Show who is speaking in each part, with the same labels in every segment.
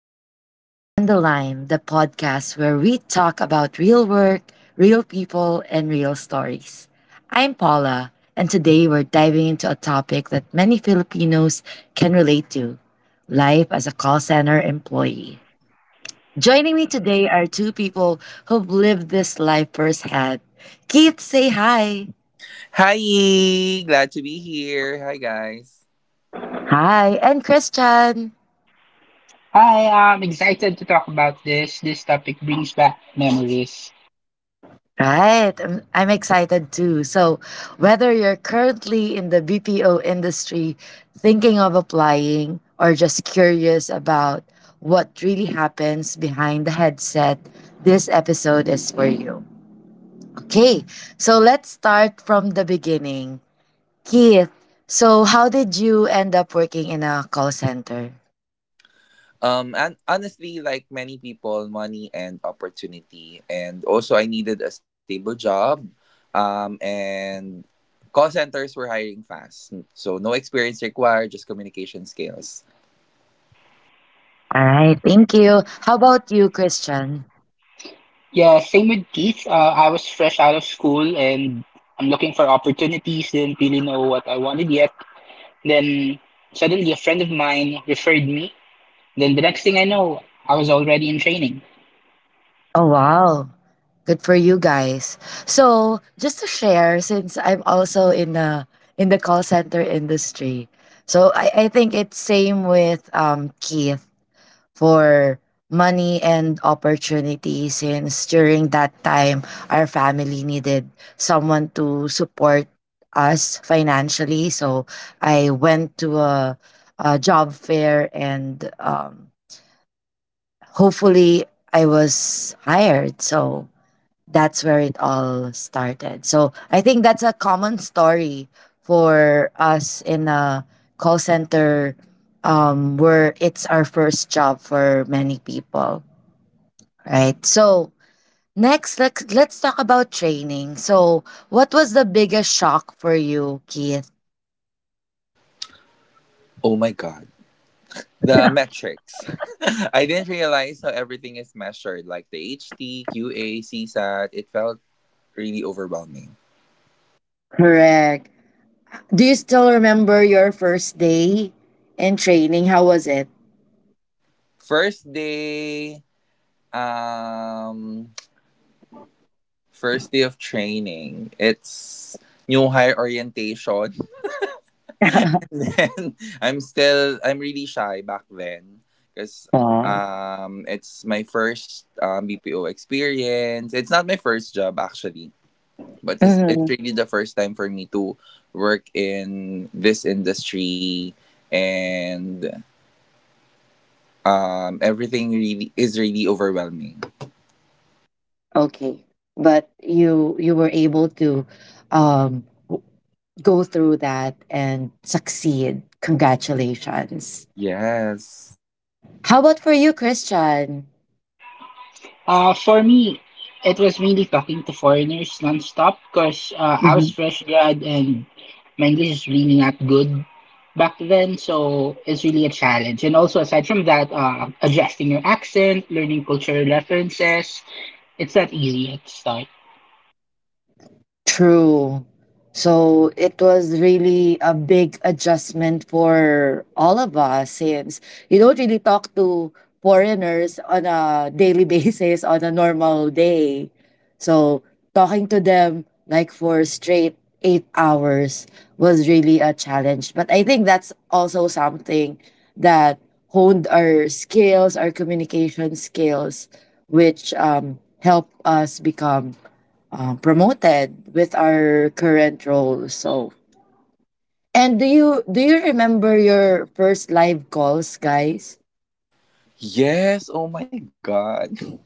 Speaker 1: to On the Line, the podcast where we talk about real work, real people, and real stories. I'm Paula, and today we're diving into a topic that many Filipinos can relate to life as a call center employee. Joining me today are two people who've lived this life firsthand. Keith, say hi.
Speaker 2: Hi, glad to be here. Hi guys.
Speaker 1: Hi, and Christian.
Speaker 3: Hi, I'm excited to talk about this. This topic brings back memories.
Speaker 1: Right. I'm excited too. So, whether you're currently in the BPO industry thinking of applying or just curious about what really happens behind the headset, this episode is for you. Okay. So, let's start from the beginning. Keith, so how did you end up working in a call center?
Speaker 2: And Honestly, like many people, money and opportunity, and also I needed a stable job. And Call centers were hiring fast. So no experience required, just communication skills.
Speaker 1: All right. Thank you. How about you, Christian?
Speaker 3: Yeah, same with Keith. I was fresh out of school and I'm looking for opportunities, didn't really know what I wanted yet. Then suddenly a friend of mine referred me. Then the next thing I know, I was already in training.
Speaker 1: Oh, wow. Good for you guys. So, just to share, since I'm also in the call center industry, so I think it's same with Keith for money and opportunity. Since during that time, our family needed someone to support us financially, so I went to a job fair and hopefully I was hired. So that's where it all started. So I think that's a common story for us in a call center where it's our first job for many people, right? So next, let's talk about training. So what was the biggest shock for you, Keith?
Speaker 2: Oh my god. The metrics. I didn't realize how everything is measured, like the HT, CSAT. It felt really overwhelming.
Speaker 1: Correct. Do you still remember your first day in training? How was it?
Speaker 2: First day, um first day of training. It's new hire orientation. And then I'm really shy back then, because
Speaker 1: Wow.
Speaker 2: it's my first BPO experience. It's not my first job actually, but it's really the first time for me to work in this industry, and everything really is really overwhelming.
Speaker 1: Okay. But you were able to um go through that and succeed. Congratulations.
Speaker 2: Yes.
Speaker 1: How about for you, Christian?
Speaker 3: For me, it was really talking to foreigners nonstop because I was fresh grad and my English is really not good back then, so it's really a challenge. And also, aside from that, adjusting your accent, learning cultural references, it's not easy at the start.
Speaker 1: True. So it was really a big adjustment for all of us since you don't really talk to foreigners on a daily basis on a normal day. So talking to them like for straight 8 hours was really a challenge. But I think that's also something that honed our skills, our communication skills, which helped us become promoted with our current role. So, and do you remember your first live calls, guys?
Speaker 2: Yes, oh my god.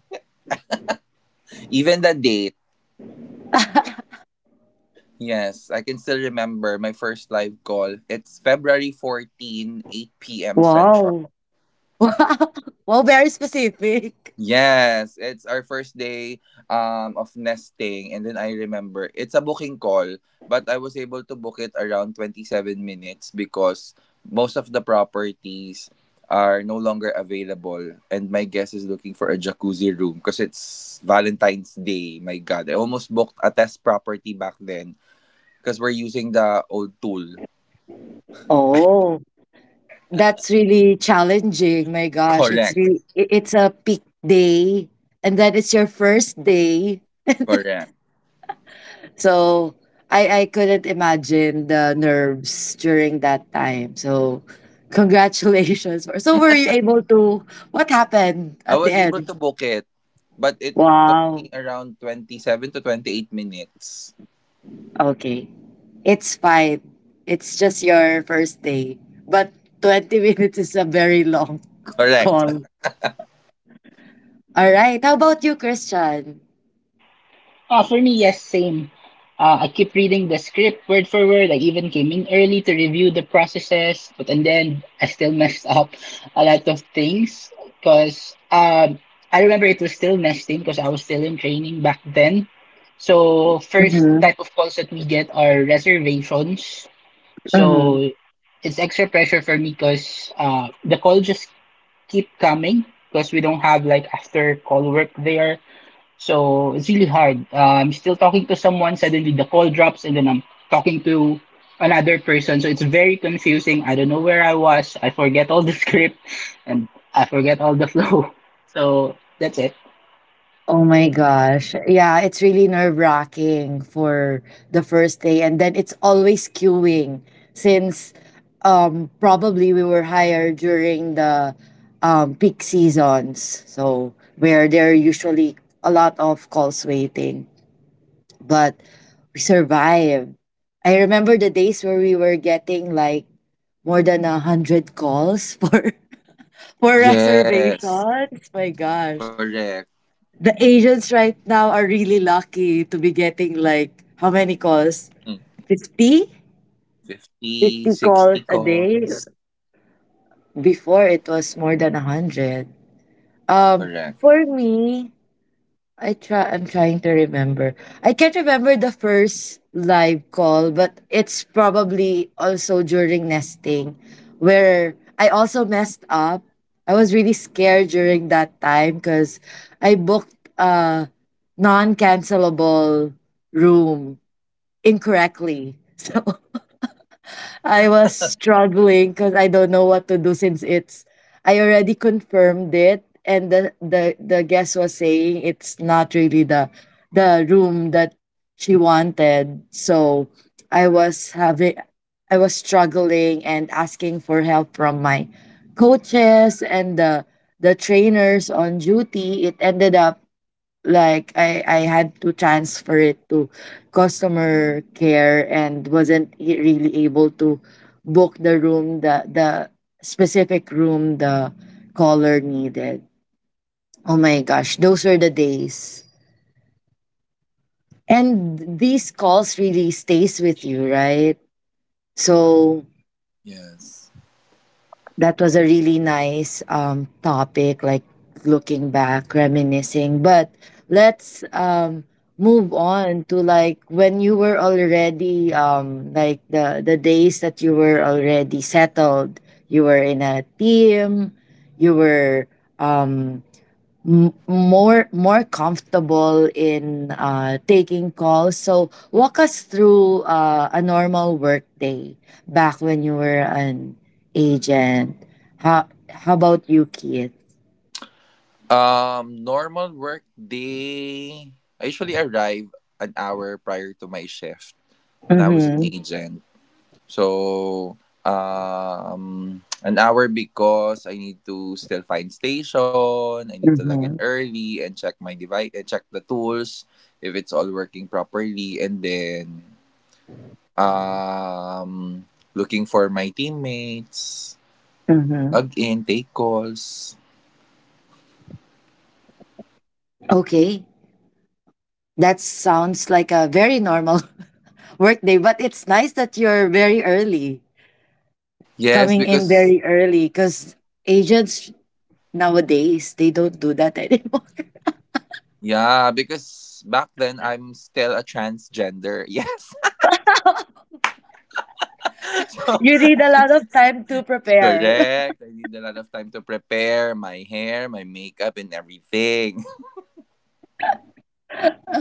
Speaker 2: Even the date. Yes, I can still remember my first live call. It's February 14, 8 p.m. Central.
Speaker 1: Wow. Wow, wow, very specific.
Speaker 2: Yes, it's our first day of nesting, and then I remember it's a booking call, but I was able to book it around 27 minutes because most of the properties are no longer available, and my guest is looking for a jacuzzi room because it's Valentine's Day. My god, I almost booked a test property back then because we're using the old tool.
Speaker 1: Oh. That's really challenging. My gosh, it's
Speaker 2: Correct.
Speaker 1: really it's a peak day, and then it's your first day.
Speaker 2: Correct.
Speaker 1: So I couldn't imagine the nerves during that time. So congratulations. So were you able to what happened
Speaker 2: I
Speaker 1: at the
Speaker 2: was able
Speaker 1: end?
Speaker 2: to book it, but it took me
Speaker 1: Wow.
Speaker 2: around 27 to 28 minutes.
Speaker 1: Okay. It's fine. It's just your first day. But 20 minutes is a very long
Speaker 2: Correct.
Speaker 1: call. All right. How about you, Christian?
Speaker 3: For me, yes, same. I keep reading the script word for word. I even came in early to review the processes, but and then I still messed up a lot of things because I remember it was still nesting because I was still in training back then. So first type of calls that we get are reservations.
Speaker 1: Mm-hmm.
Speaker 3: So it's extra pressure for me because the call just keep coming because we don't have like after call work there so it's really hard. I'm still talking to someone, suddenly the call drops, and then I'm talking to another person. So it's very confusing. I don't know where I was. I forget all the script and I forget all the flow. So that's it.
Speaker 1: Oh my gosh. Yeah, it's really nerve wracking for the first day. And then it's always queuing since probably we were hired during the peak seasons. So, where there are usually a lot of calls waiting. But we survived. I remember the days where we were getting like more than 100 calls for for
Speaker 2: Yes.
Speaker 1: reservations. My gosh.
Speaker 2: Correct.
Speaker 1: The Asians right now are really lucky to be getting like how many calls?
Speaker 2: Mm.
Speaker 1: 50?
Speaker 2: Fifty
Speaker 1: 50
Speaker 2: sixty 60
Speaker 1: calls a
Speaker 2: calls.
Speaker 1: day. Before it was more than 100. Um
Speaker 2: Correct.
Speaker 1: for me, I'm trying to remember. I can't remember the first live call, but it's probably also during nesting where I also messed up. I was really scared during that time cuz I booked a non-cancelable room incorrectly. So I was struggling because I don't know what to do since it's I already confirmed it and the guest was saying it's not really the room that she wanted. So I was having I was struggling and asking for help from my coaches and the trainers on duty. It ended up like I had to transfer it to customer care and wasn't really able to book the room the specific room the caller needed. Oh my gosh, those were the days. And these calls really stays with you, right? So
Speaker 2: Yes.
Speaker 1: that was a really nice topic, like looking back, reminiscing. But let's move on to like when you were already like the days that you were already settled. You were in a team. You were more more comfortable in taking calls. So walk us through a normal work day back when you were an agent. How about you, Keith?
Speaker 2: Normal work day, I usually arrive an hour prior to my shift when I was an
Speaker 1: Mm-hmm.
Speaker 2: agent. So, an hour because I need to still find station, I need to log in
Speaker 1: Mm-hmm.
Speaker 2: early and check my device and check the tools if it's all working properly, and then um looking for my teammates,
Speaker 1: Mm-hmm.
Speaker 2: log in, take calls.
Speaker 1: Okay, that sounds like a very normal work day, but it's nice that you're very early
Speaker 2: Yes,
Speaker 1: coming in
Speaker 2: because
Speaker 1: very early because agents nowadays they don't do that anymore.
Speaker 2: yeah, because back then I'm still a transgender. Yes. So
Speaker 1: You need a lot of time to prepare.
Speaker 2: correct. I need a lot of time to prepare my hair, my makeup, and everything.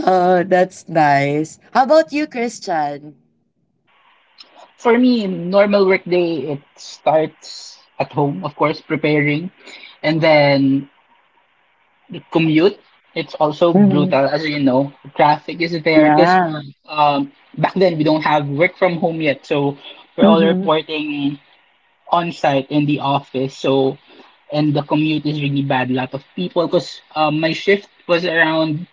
Speaker 1: Oh, that's nice. How about you, Christian?
Speaker 3: For me, normal workday, it starts at home, of course, preparing. And then commute, it's also
Speaker 1: Hmm.
Speaker 3: brutal, as you know. Traffic is there because
Speaker 1: Yeah.
Speaker 3: um, back then we don't have work from home yet. So we're all
Speaker 1: Mm-hmm.
Speaker 3: reporting on site in the office. So, and the commute is really bad. A lot of people, because my shift was around,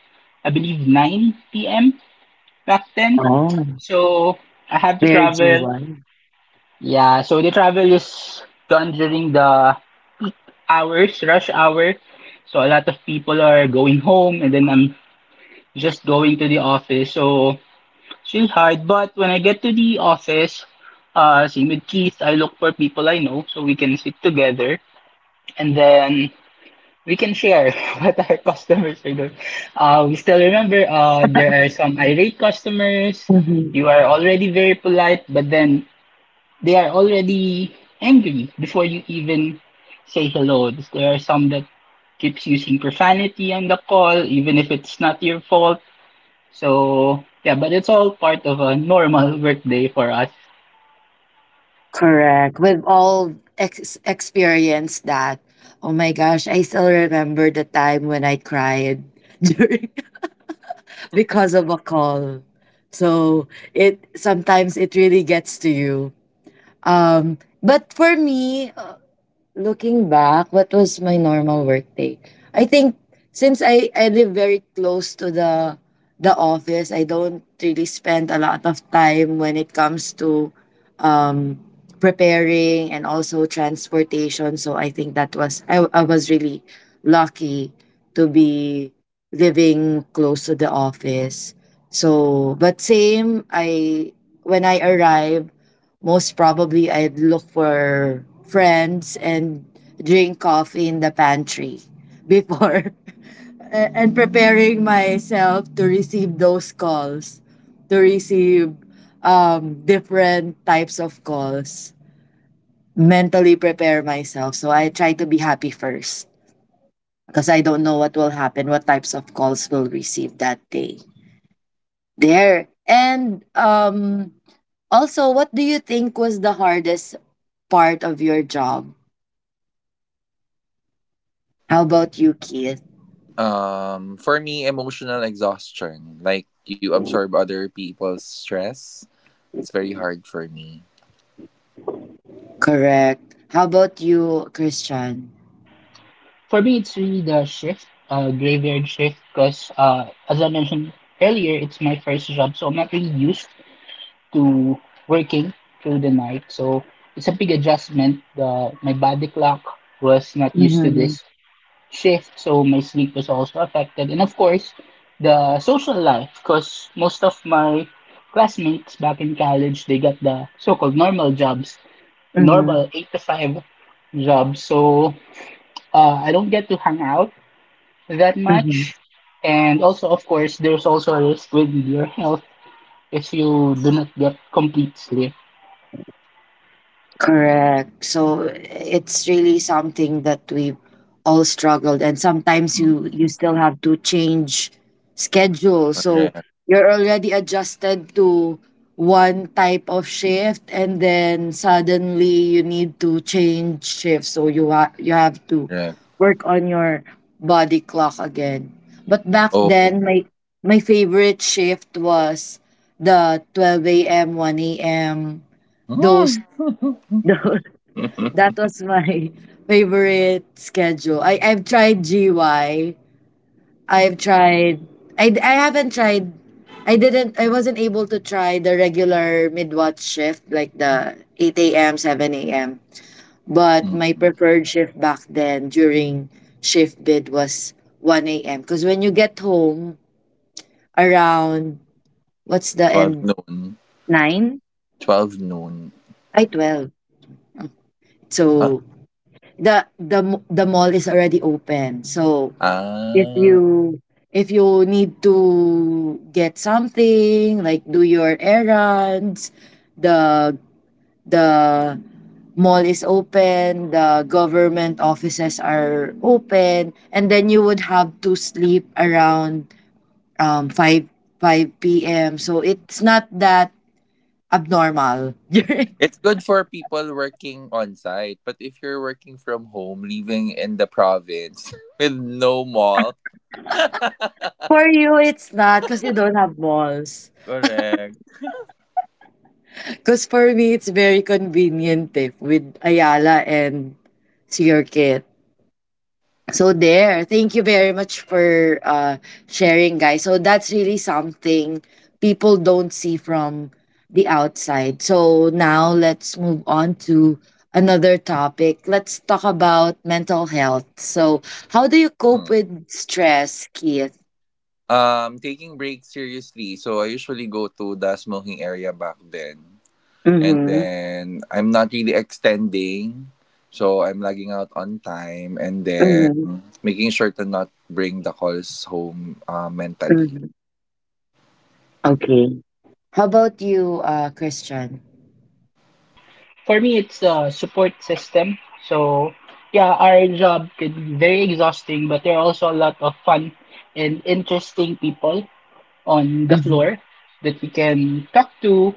Speaker 3: I believe, 9 p.m. back then.
Speaker 1: Oh,
Speaker 3: So I have to
Speaker 1: they're
Speaker 3: travel.
Speaker 1: G1.
Speaker 3: Yeah, so the travel is done during the peak hours, rush hour. So a lot of people are going home, and then I'm just going to the office. So it's really hard. But when I get to the office, same with Keith, I look for people I know so we can sit together and then we can share what our customers are doing. We still remember there are some irate customers.
Speaker 1: Mm-hmm.
Speaker 3: You are already very polite, but then they are already angry before you even say hello. There are some that keeps using profanity on the call, even if it's not your fault. So yeah, but it's all part of a normal workday for us.
Speaker 1: Correct. We've all experienced that. Oh my gosh, I still remember the time when I cried during because of a call. So it sometimes it really gets to you. But for me, looking back, what was my normal work day? I think since I live very close to the office, I don't really spend a lot of time when it comes to um preparing and also transportation. So I think that was I was really lucky to be living close to the office. So but same I when I arrive. Most probably, I'd look for friends and drink coffee in the pantry before and preparing myself to receive those calls, to receive different types of calls, mentally prepare myself. So I try to be happy first because I don't know what will happen, what types of calls will receive that day. There. And also, what do you think was the hardest part of your job. How about you, Keith?
Speaker 2: For me, emotional exhaustion. Like you absorb other people's stress. It's very hard for me.
Speaker 1: Correct. How about you, Christian?
Speaker 3: For me, it's really the shift, graveyard shift, because as I mentioned earlier, it's my first job, so I'm not really used to working through the night. So it's a big adjustment. The my body clock was not used to
Speaker 1: Mm-hmm.
Speaker 3: this shift, so my sleep was also affected, and of course, the social life, because most of my classmates back in college, they got the so-called normal jobs,
Speaker 1: Mm-hmm.
Speaker 3: normal 8 to 5 jobs. So I don't get to hang out that much. And also, of course, there's also a risk with your health if you do not get complete sleep.
Speaker 1: Correct. So it's really something that we all struggled and sometimes you
Speaker 2: Mm-mm.
Speaker 1: still have to change schedule. So
Speaker 2: Correct.
Speaker 1: you're already adjusted to one type of shift and then suddenly you need to change shift. So you you have to
Speaker 2: Correct.
Speaker 1: work on your body clock again. But back
Speaker 2: Oh.
Speaker 1: then my favorite shift was the 12 a.m., 1 a.m. those
Speaker 2: Mm.
Speaker 1: those that was my favorite schedule. I've tried GY. I've tried I haven't tried I wasn't able to try the regular midwatch shift like the 8 a.m. 7 a.m. But my
Speaker 2: Mm-mm.
Speaker 1: preferred shift back then during shift bid was 1 a.m. Because when you get home around what's the
Speaker 2: 12
Speaker 1: end
Speaker 2: noon.
Speaker 1: 9
Speaker 2: 12 noon.
Speaker 1: I 12.
Speaker 2: Ah.
Speaker 1: So the mall is already open. So if
Speaker 2: Ah.
Speaker 1: you if you need to get something like do your errands the the mall is open the government offices are open and then you would have to sleep around 5 5 p.m so it's not that abnormal.
Speaker 2: It's good for people working on site, but if you're working from home, living in the province with no mall.
Speaker 1: For you it's not because you don't have malls
Speaker 2: Correct.
Speaker 1: because for me it's very convenient eh, with ayala and see your So there, thank you very much for sharing, guys. So that's really something people don't see from the outside. So now let's move on to another topic. Let's talk about mental health. So how do you cope
Speaker 2: Hmm.
Speaker 1: with stress, Keith?
Speaker 2: Taking breaks seriously. So I usually go to the smoking area back then. And
Speaker 1: Mm-hmm.
Speaker 2: then I'm not really extending. So I'm logging out on time, and then
Speaker 1: Mm-hmm.
Speaker 2: making sure to not bring the calls home mentally.
Speaker 1: Mm-hmm. Okay. How about you, Christian?
Speaker 3: For me, it's a support system. So, yeah, our job can be very exhausting, but there are also a lot of fun and interesting people on the
Speaker 1: Mm-hmm.
Speaker 3: floor that we can talk to,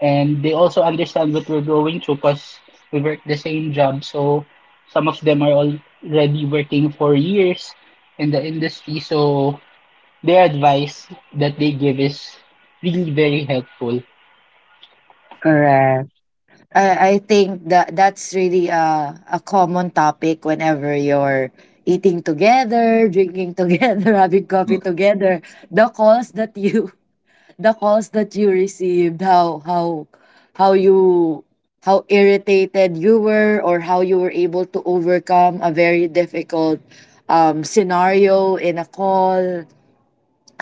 Speaker 3: and they also understand what we're going through because we work the same job. So, some of them are already working for years in the industry. So, their advice that they give is really very helpful.
Speaker 1: I think that that's really a common topic whenever you're eating together, drinking together, having
Speaker 2: Hmm.
Speaker 1: coffee together. The calls that you the calls that you received, how you how irritated you were or how you were able to overcome a very difficult scenario in a call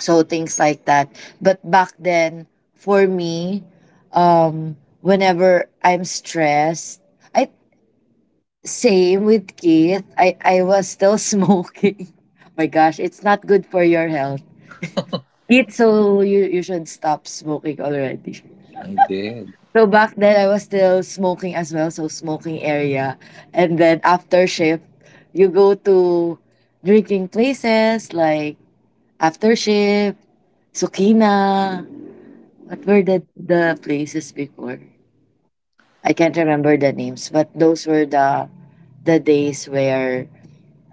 Speaker 1: so things like that but back then for me whenever I'm stressed I same with Keith I was still smoking. Oh my gosh it's not good for your health Keith so you should stop smoking already.
Speaker 2: I did.
Speaker 1: So back then I was still smoking as well so smoking area and then after shift you go to drinking places like after shift sukina. What were the places before? I can't remember the names, but those were the days where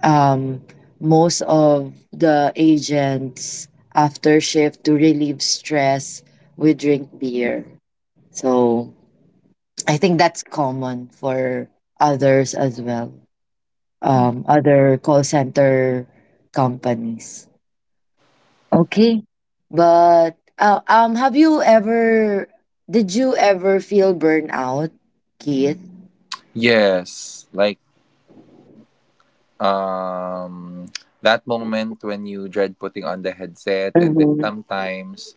Speaker 1: um most of the agents after shift to relieve stress would drink beer. So I think that's common for others as well.
Speaker 2: Hmm.
Speaker 1: Other call center companies. Okay. But have you ever did you ever feel burnout, Keith?
Speaker 2: Yes. Like um that moment when you dread putting on the headset, and then
Speaker 1: Mm-hmm.
Speaker 2: sometimes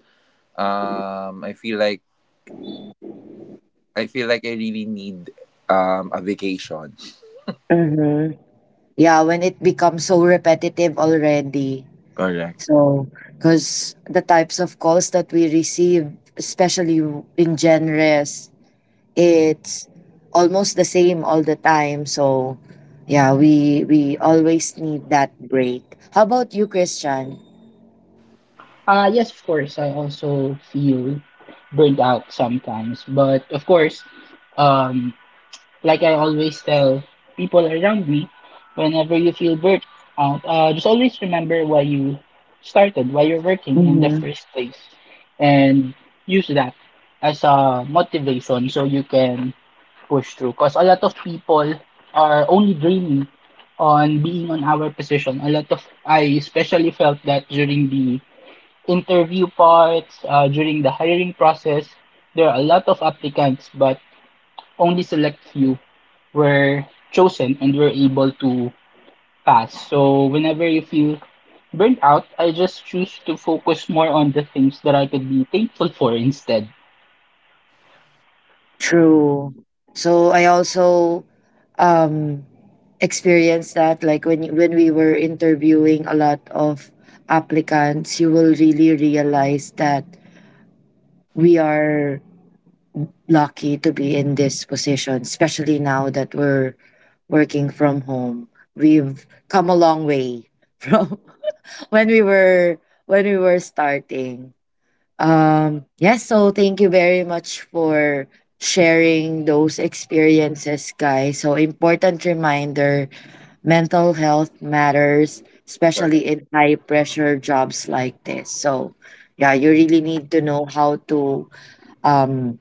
Speaker 2: um I feel like I feel like I really need a vacation.
Speaker 1: Mm-hmm. Yeah, when it becomes so repetitive already.
Speaker 2: Correct.
Speaker 1: So, because the types of calls that we receive, especially in genres, it's almost the same all the time. So, yeah, we always need that break. How about you, Christian?
Speaker 3: Yes, of course, I also feel burnt out sometimes. But of course, um, like I always tell people around me, whenever you feel burnt out, just always remember why you started, why you're working in the first place, and use that as a motivation so you can push through because a lot of people are only dreaming on being on our position. A lot of I especially felt that during the interview parts, during the hiring process, there are a lot of applicants, but only select few were chosen and were able to pass. So whenever you feel burnt out, I just choose to focus more on the things that I could be thankful for instead.
Speaker 1: True. So I also um experienced that like when when we were interviewing a lot of applicants, you will really realize that we are lucky to be in this position, especially now that we're working from home. We've come a long way from when we were starting. Yeah, so thank you very much for sharing those experiences, guys. So, important reminder mental health matters,
Speaker 2: Correct.
Speaker 1: especially in high pressure jobs like this. So, yeah, you really need to know how to um,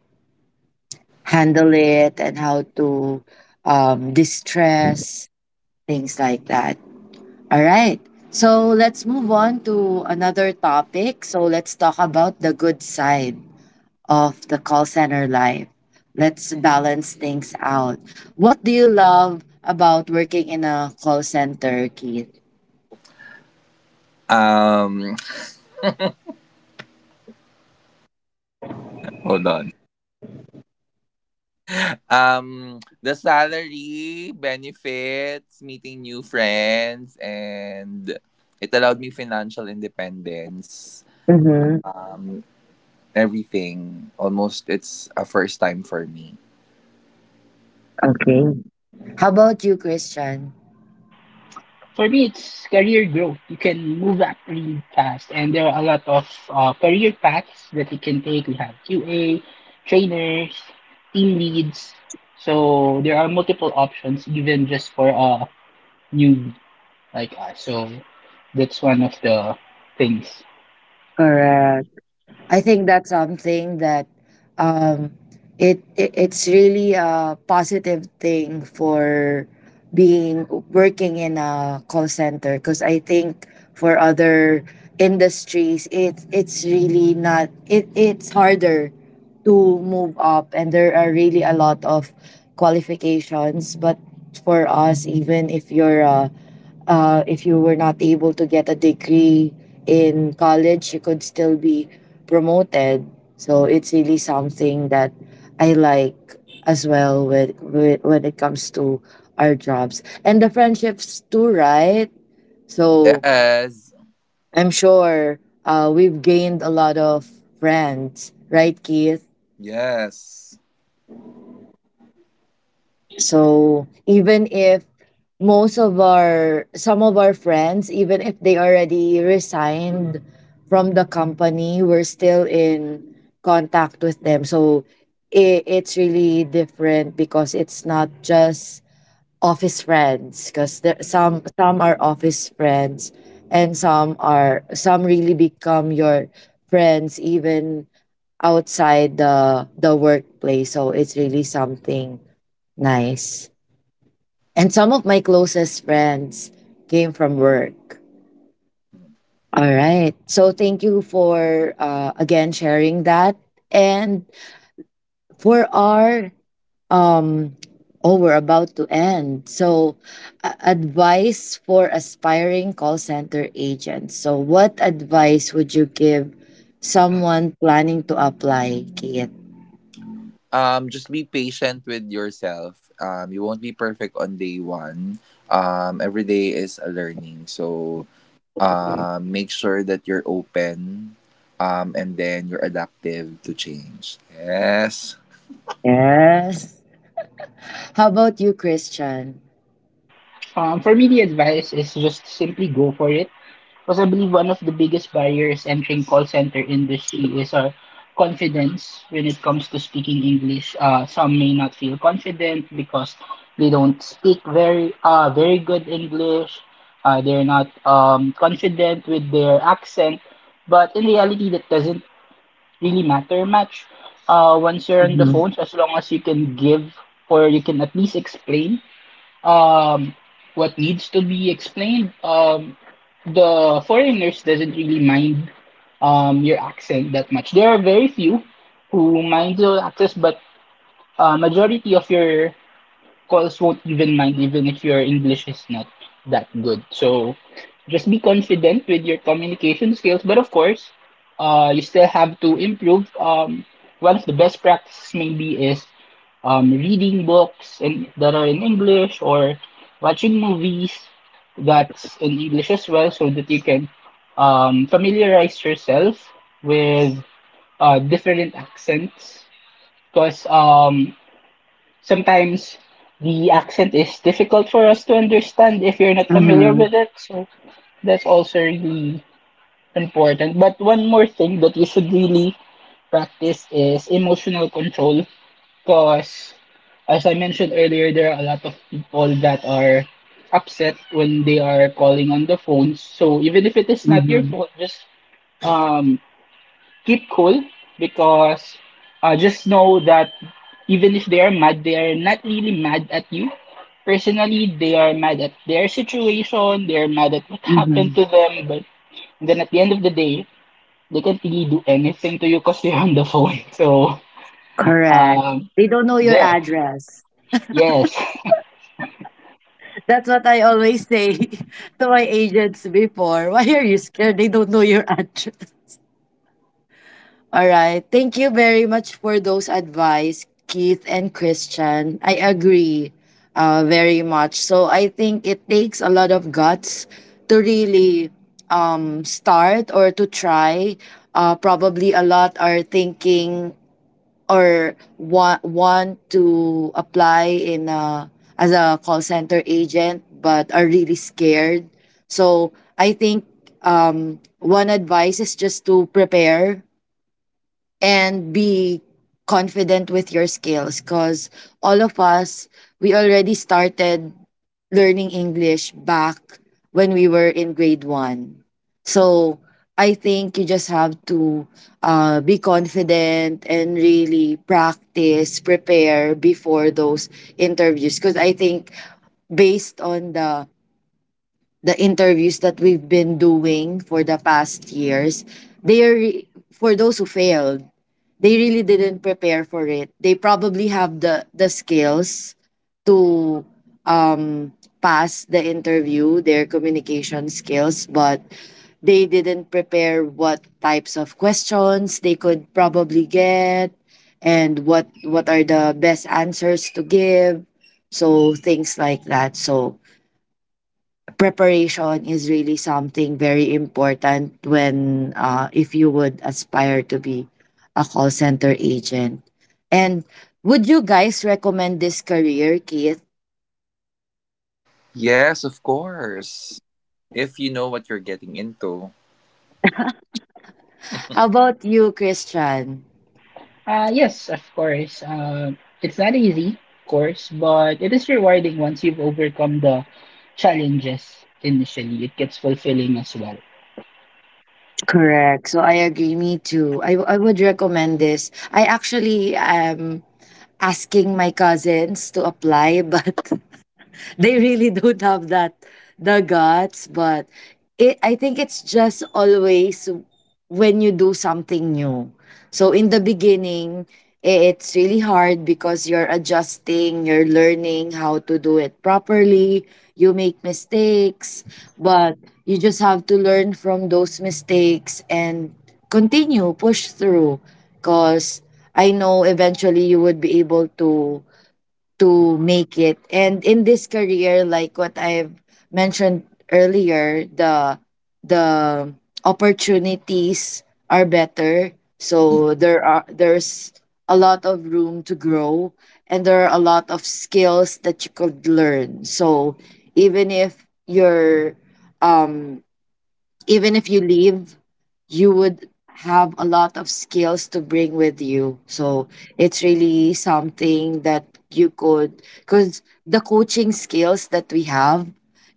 Speaker 1: handle it and how to distress, things like that. All right. So, let's move on to another topic. So, let's talk about the good side of the call center life. Let's balance things out. What do you love about working in a call center, Keith?
Speaker 2: Um Hold on. The salary, benefits, meeting new friends, and it allowed me financial independence.
Speaker 1: Mm-hmm.
Speaker 2: Um Everything. Almost it's a first time for me.
Speaker 1: Okay. How about you, Christian?
Speaker 3: For me, it's career growth. You can move up really fast, and there are a lot of career paths that you can take. We have QA, trainers, team leads. So there are multiple options, even just for a newbie like us. So that's one of the things.
Speaker 1: Correct. I think that's something that um, it's really a positive thing for being working in a call center because I think for other industries it's really not it's harder to move up and there are really a lot of qualifications, but for us, even if you're a if you were not able to get a degree in college, you could still be promoted. So it's really something that I like as well with when it comes to our jobs, and the friendships too, right? So
Speaker 2: Yes.
Speaker 1: I'm sure we've gained a lot of friends, right, Keith?
Speaker 2: Yes.
Speaker 1: So even if most of our some of our friends, even if they already resigned from the company, we're still in contact with them. So it's really different because it's not just office friends, because
Speaker 2: Correct.
Speaker 1: some are office friends and some really become your friends even outside the workplace, so it's really something nice. And some of my closest friends came from work. All right. So thank you for again sharing that. And for our um oh, we're about to end. So advice for aspiring call center agents. So what advice would you give someone planning to apply, Kate?
Speaker 2: Just be patient with yourself. You won't be perfect on day 1. Every day is a learning. So, make sure that you're open, and then you're adaptive to change. Yes.
Speaker 1: Yes. How about you, Christian?
Speaker 3: For me, the advice is just simply go for it. Because I believe one of the biggest barriers entering call center industry is our confidence when it comes to speaking English. Some may not feel confident because they don't speak very good English. They're not confident with their accent, but in reality, that doesn't really matter much. Once you're on the
Speaker 1: Mm-hmm.
Speaker 3: phones, as long as you can give or you can at least explain um, what needs to be explained, the foreigners doesn't really mind your accent that much. There are very few who mind your accent, but majority of your calls won't even mind even if your English is not that good. So just be confident with your communication skills. But of course, you still have to improve. One of the best practices maybe is reading books that are in English or watching movies that's in English as well, so that you can familiarize yourself with different accents. Because sometimes the accent is difficult for us to understand if you're not familiar
Speaker 1: Mm-hmm.
Speaker 3: with it. So that's also really important. But one more thing that you should really practice is emotional control because as I mentioned earlier, there are a lot of people that are upset when they are calling on the phones. So even if it is not your
Speaker 1: Mm-hmm.
Speaker 3: fault, just um keep cool because just know that even if they are mad, they are not really mad at you. Personally, they are mad at their situation, they are mad at what happened to them, but then at the end of the day, they can't really do anything to you because they're on the phone. So,
Speaker 1: Correct.
Speaker 3: um,
Speaker 1: They don't know your
Speaker 3: there.
Speaker 1: address.
Speaker 3: Yes.
Speaker 1: That's what I always say to my agents before. Why are you scared? They don't know your address. All right. Thank you very much for those advice, Keith and Christian. I agree very much. So I think it takes a lot of guts to really start or to try. Probably a lot are thinking or want to apply in a, as a call center agent, but are really scared. So I think one advice is just to prepare and be confident with your skills, because all of us, we already started learning English back when we were in grade one. So I think you just have to be confident and really practice, prepare before those interviews, because I think based on the interviews that we've been doing for the past years, they are for those who failed, they really didn't prepare for it. They probably have the skills to um pass the interview, their communication skills, but they didn't prepare what types of questions they could probably get and what are the best answers to give. So things like that. So preparation is really something very important when, if you would aspire to be a call center agent. And would you guys recommend this career, Keith?
Speaker 2: Yes, of course. If you know what you're getting into.
Speaker 1: How about you, Christian?
Speaker 3: Yes, of course. It's not easy, of course, but it is rewarding once you've overcome the challenges initially. It gets fulfilling as well.
Speaker 1: Correct. So I agree. Me too. I would recommend this. I actually am asking my cousins to apply, but they really don't have that the guts. But it I think it's just always when you do something new. So in the beginning, it's really hard because you're adjusting, you're learning how to do it properly, you make mistakes, but you just have to learn from those mistakes and continue push through, because I know eventually you would be able to make it. And in this career, like what I've mentioned earlier, the opportunities are better.
Speaker 2: Mm.
Speaker 1: So there's a lot of room to grow, and there are a lot of skills that you could learn. So even if you're um even if you leave, you would have a lot of skills to bring with you. So it's really something that you could, because the coaching skills that we have,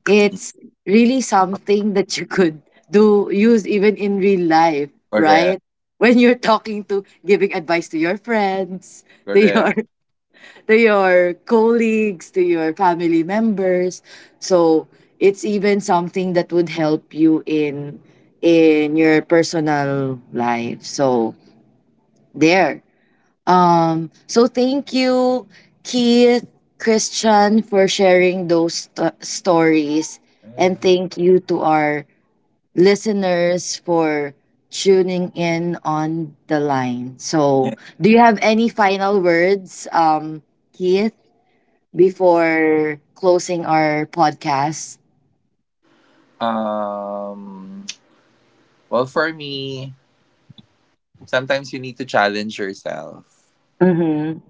Speaker 1: it's really something that you could do, use even in real life, right?
Speaker 2: Correct.
Speaker 1: When you're talking to, giving advice to your friends, to your
Speaker 2: Correct.
Speaker 1: to your colleagues, to your family members. So it's even something that would help you in your personal life. So there. Um, so thank you Keith, Christian, for sharing those stories, and thank you to our listeners for tuning in on the line. So,
Speaker 2: Yeah.
Speaker 1: do you have any final words, um, Keith, before closing our podcast?
Speaker 2: Um, well, for me, sometimes you need to challenge yourself.
Speaker 1: Mm-hmm.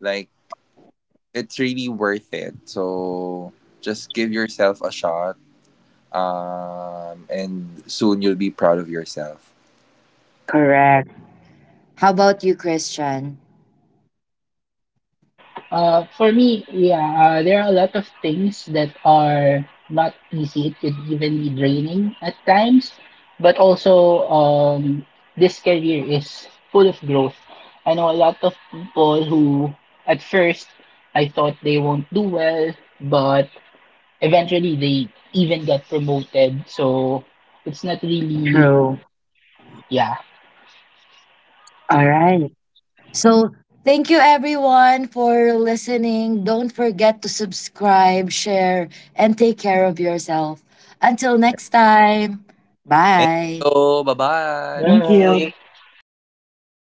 Speaker 2: Like, it's really worth it. So just give yourself a shot. And soon you'll be proud of yourself.
Speaker 1: Correct. How about you, Christian?
Speaker 3: For me, yeah, there are a lot of things that are not easy. It could even be draining at times, but also this career is full of growth. I know a lot of people who, at first, I thought they won't do well, but eventually they even get promoted. So it's not really,
Speaker 1: True.
Speaker 3: yeah.
Speaker 1: All right. So, thank you everyone for listening. Don't forget to subscribe, share, and take care of yourself. Until
Speaker 2: Yeah.
Speaker 1: next time,
Speaker 2: Thank
Speaker 1: bye.
Speaker 2: you. Bye
Speaker 1: Thank
Speaker 2: bye.
Speaker 1: you.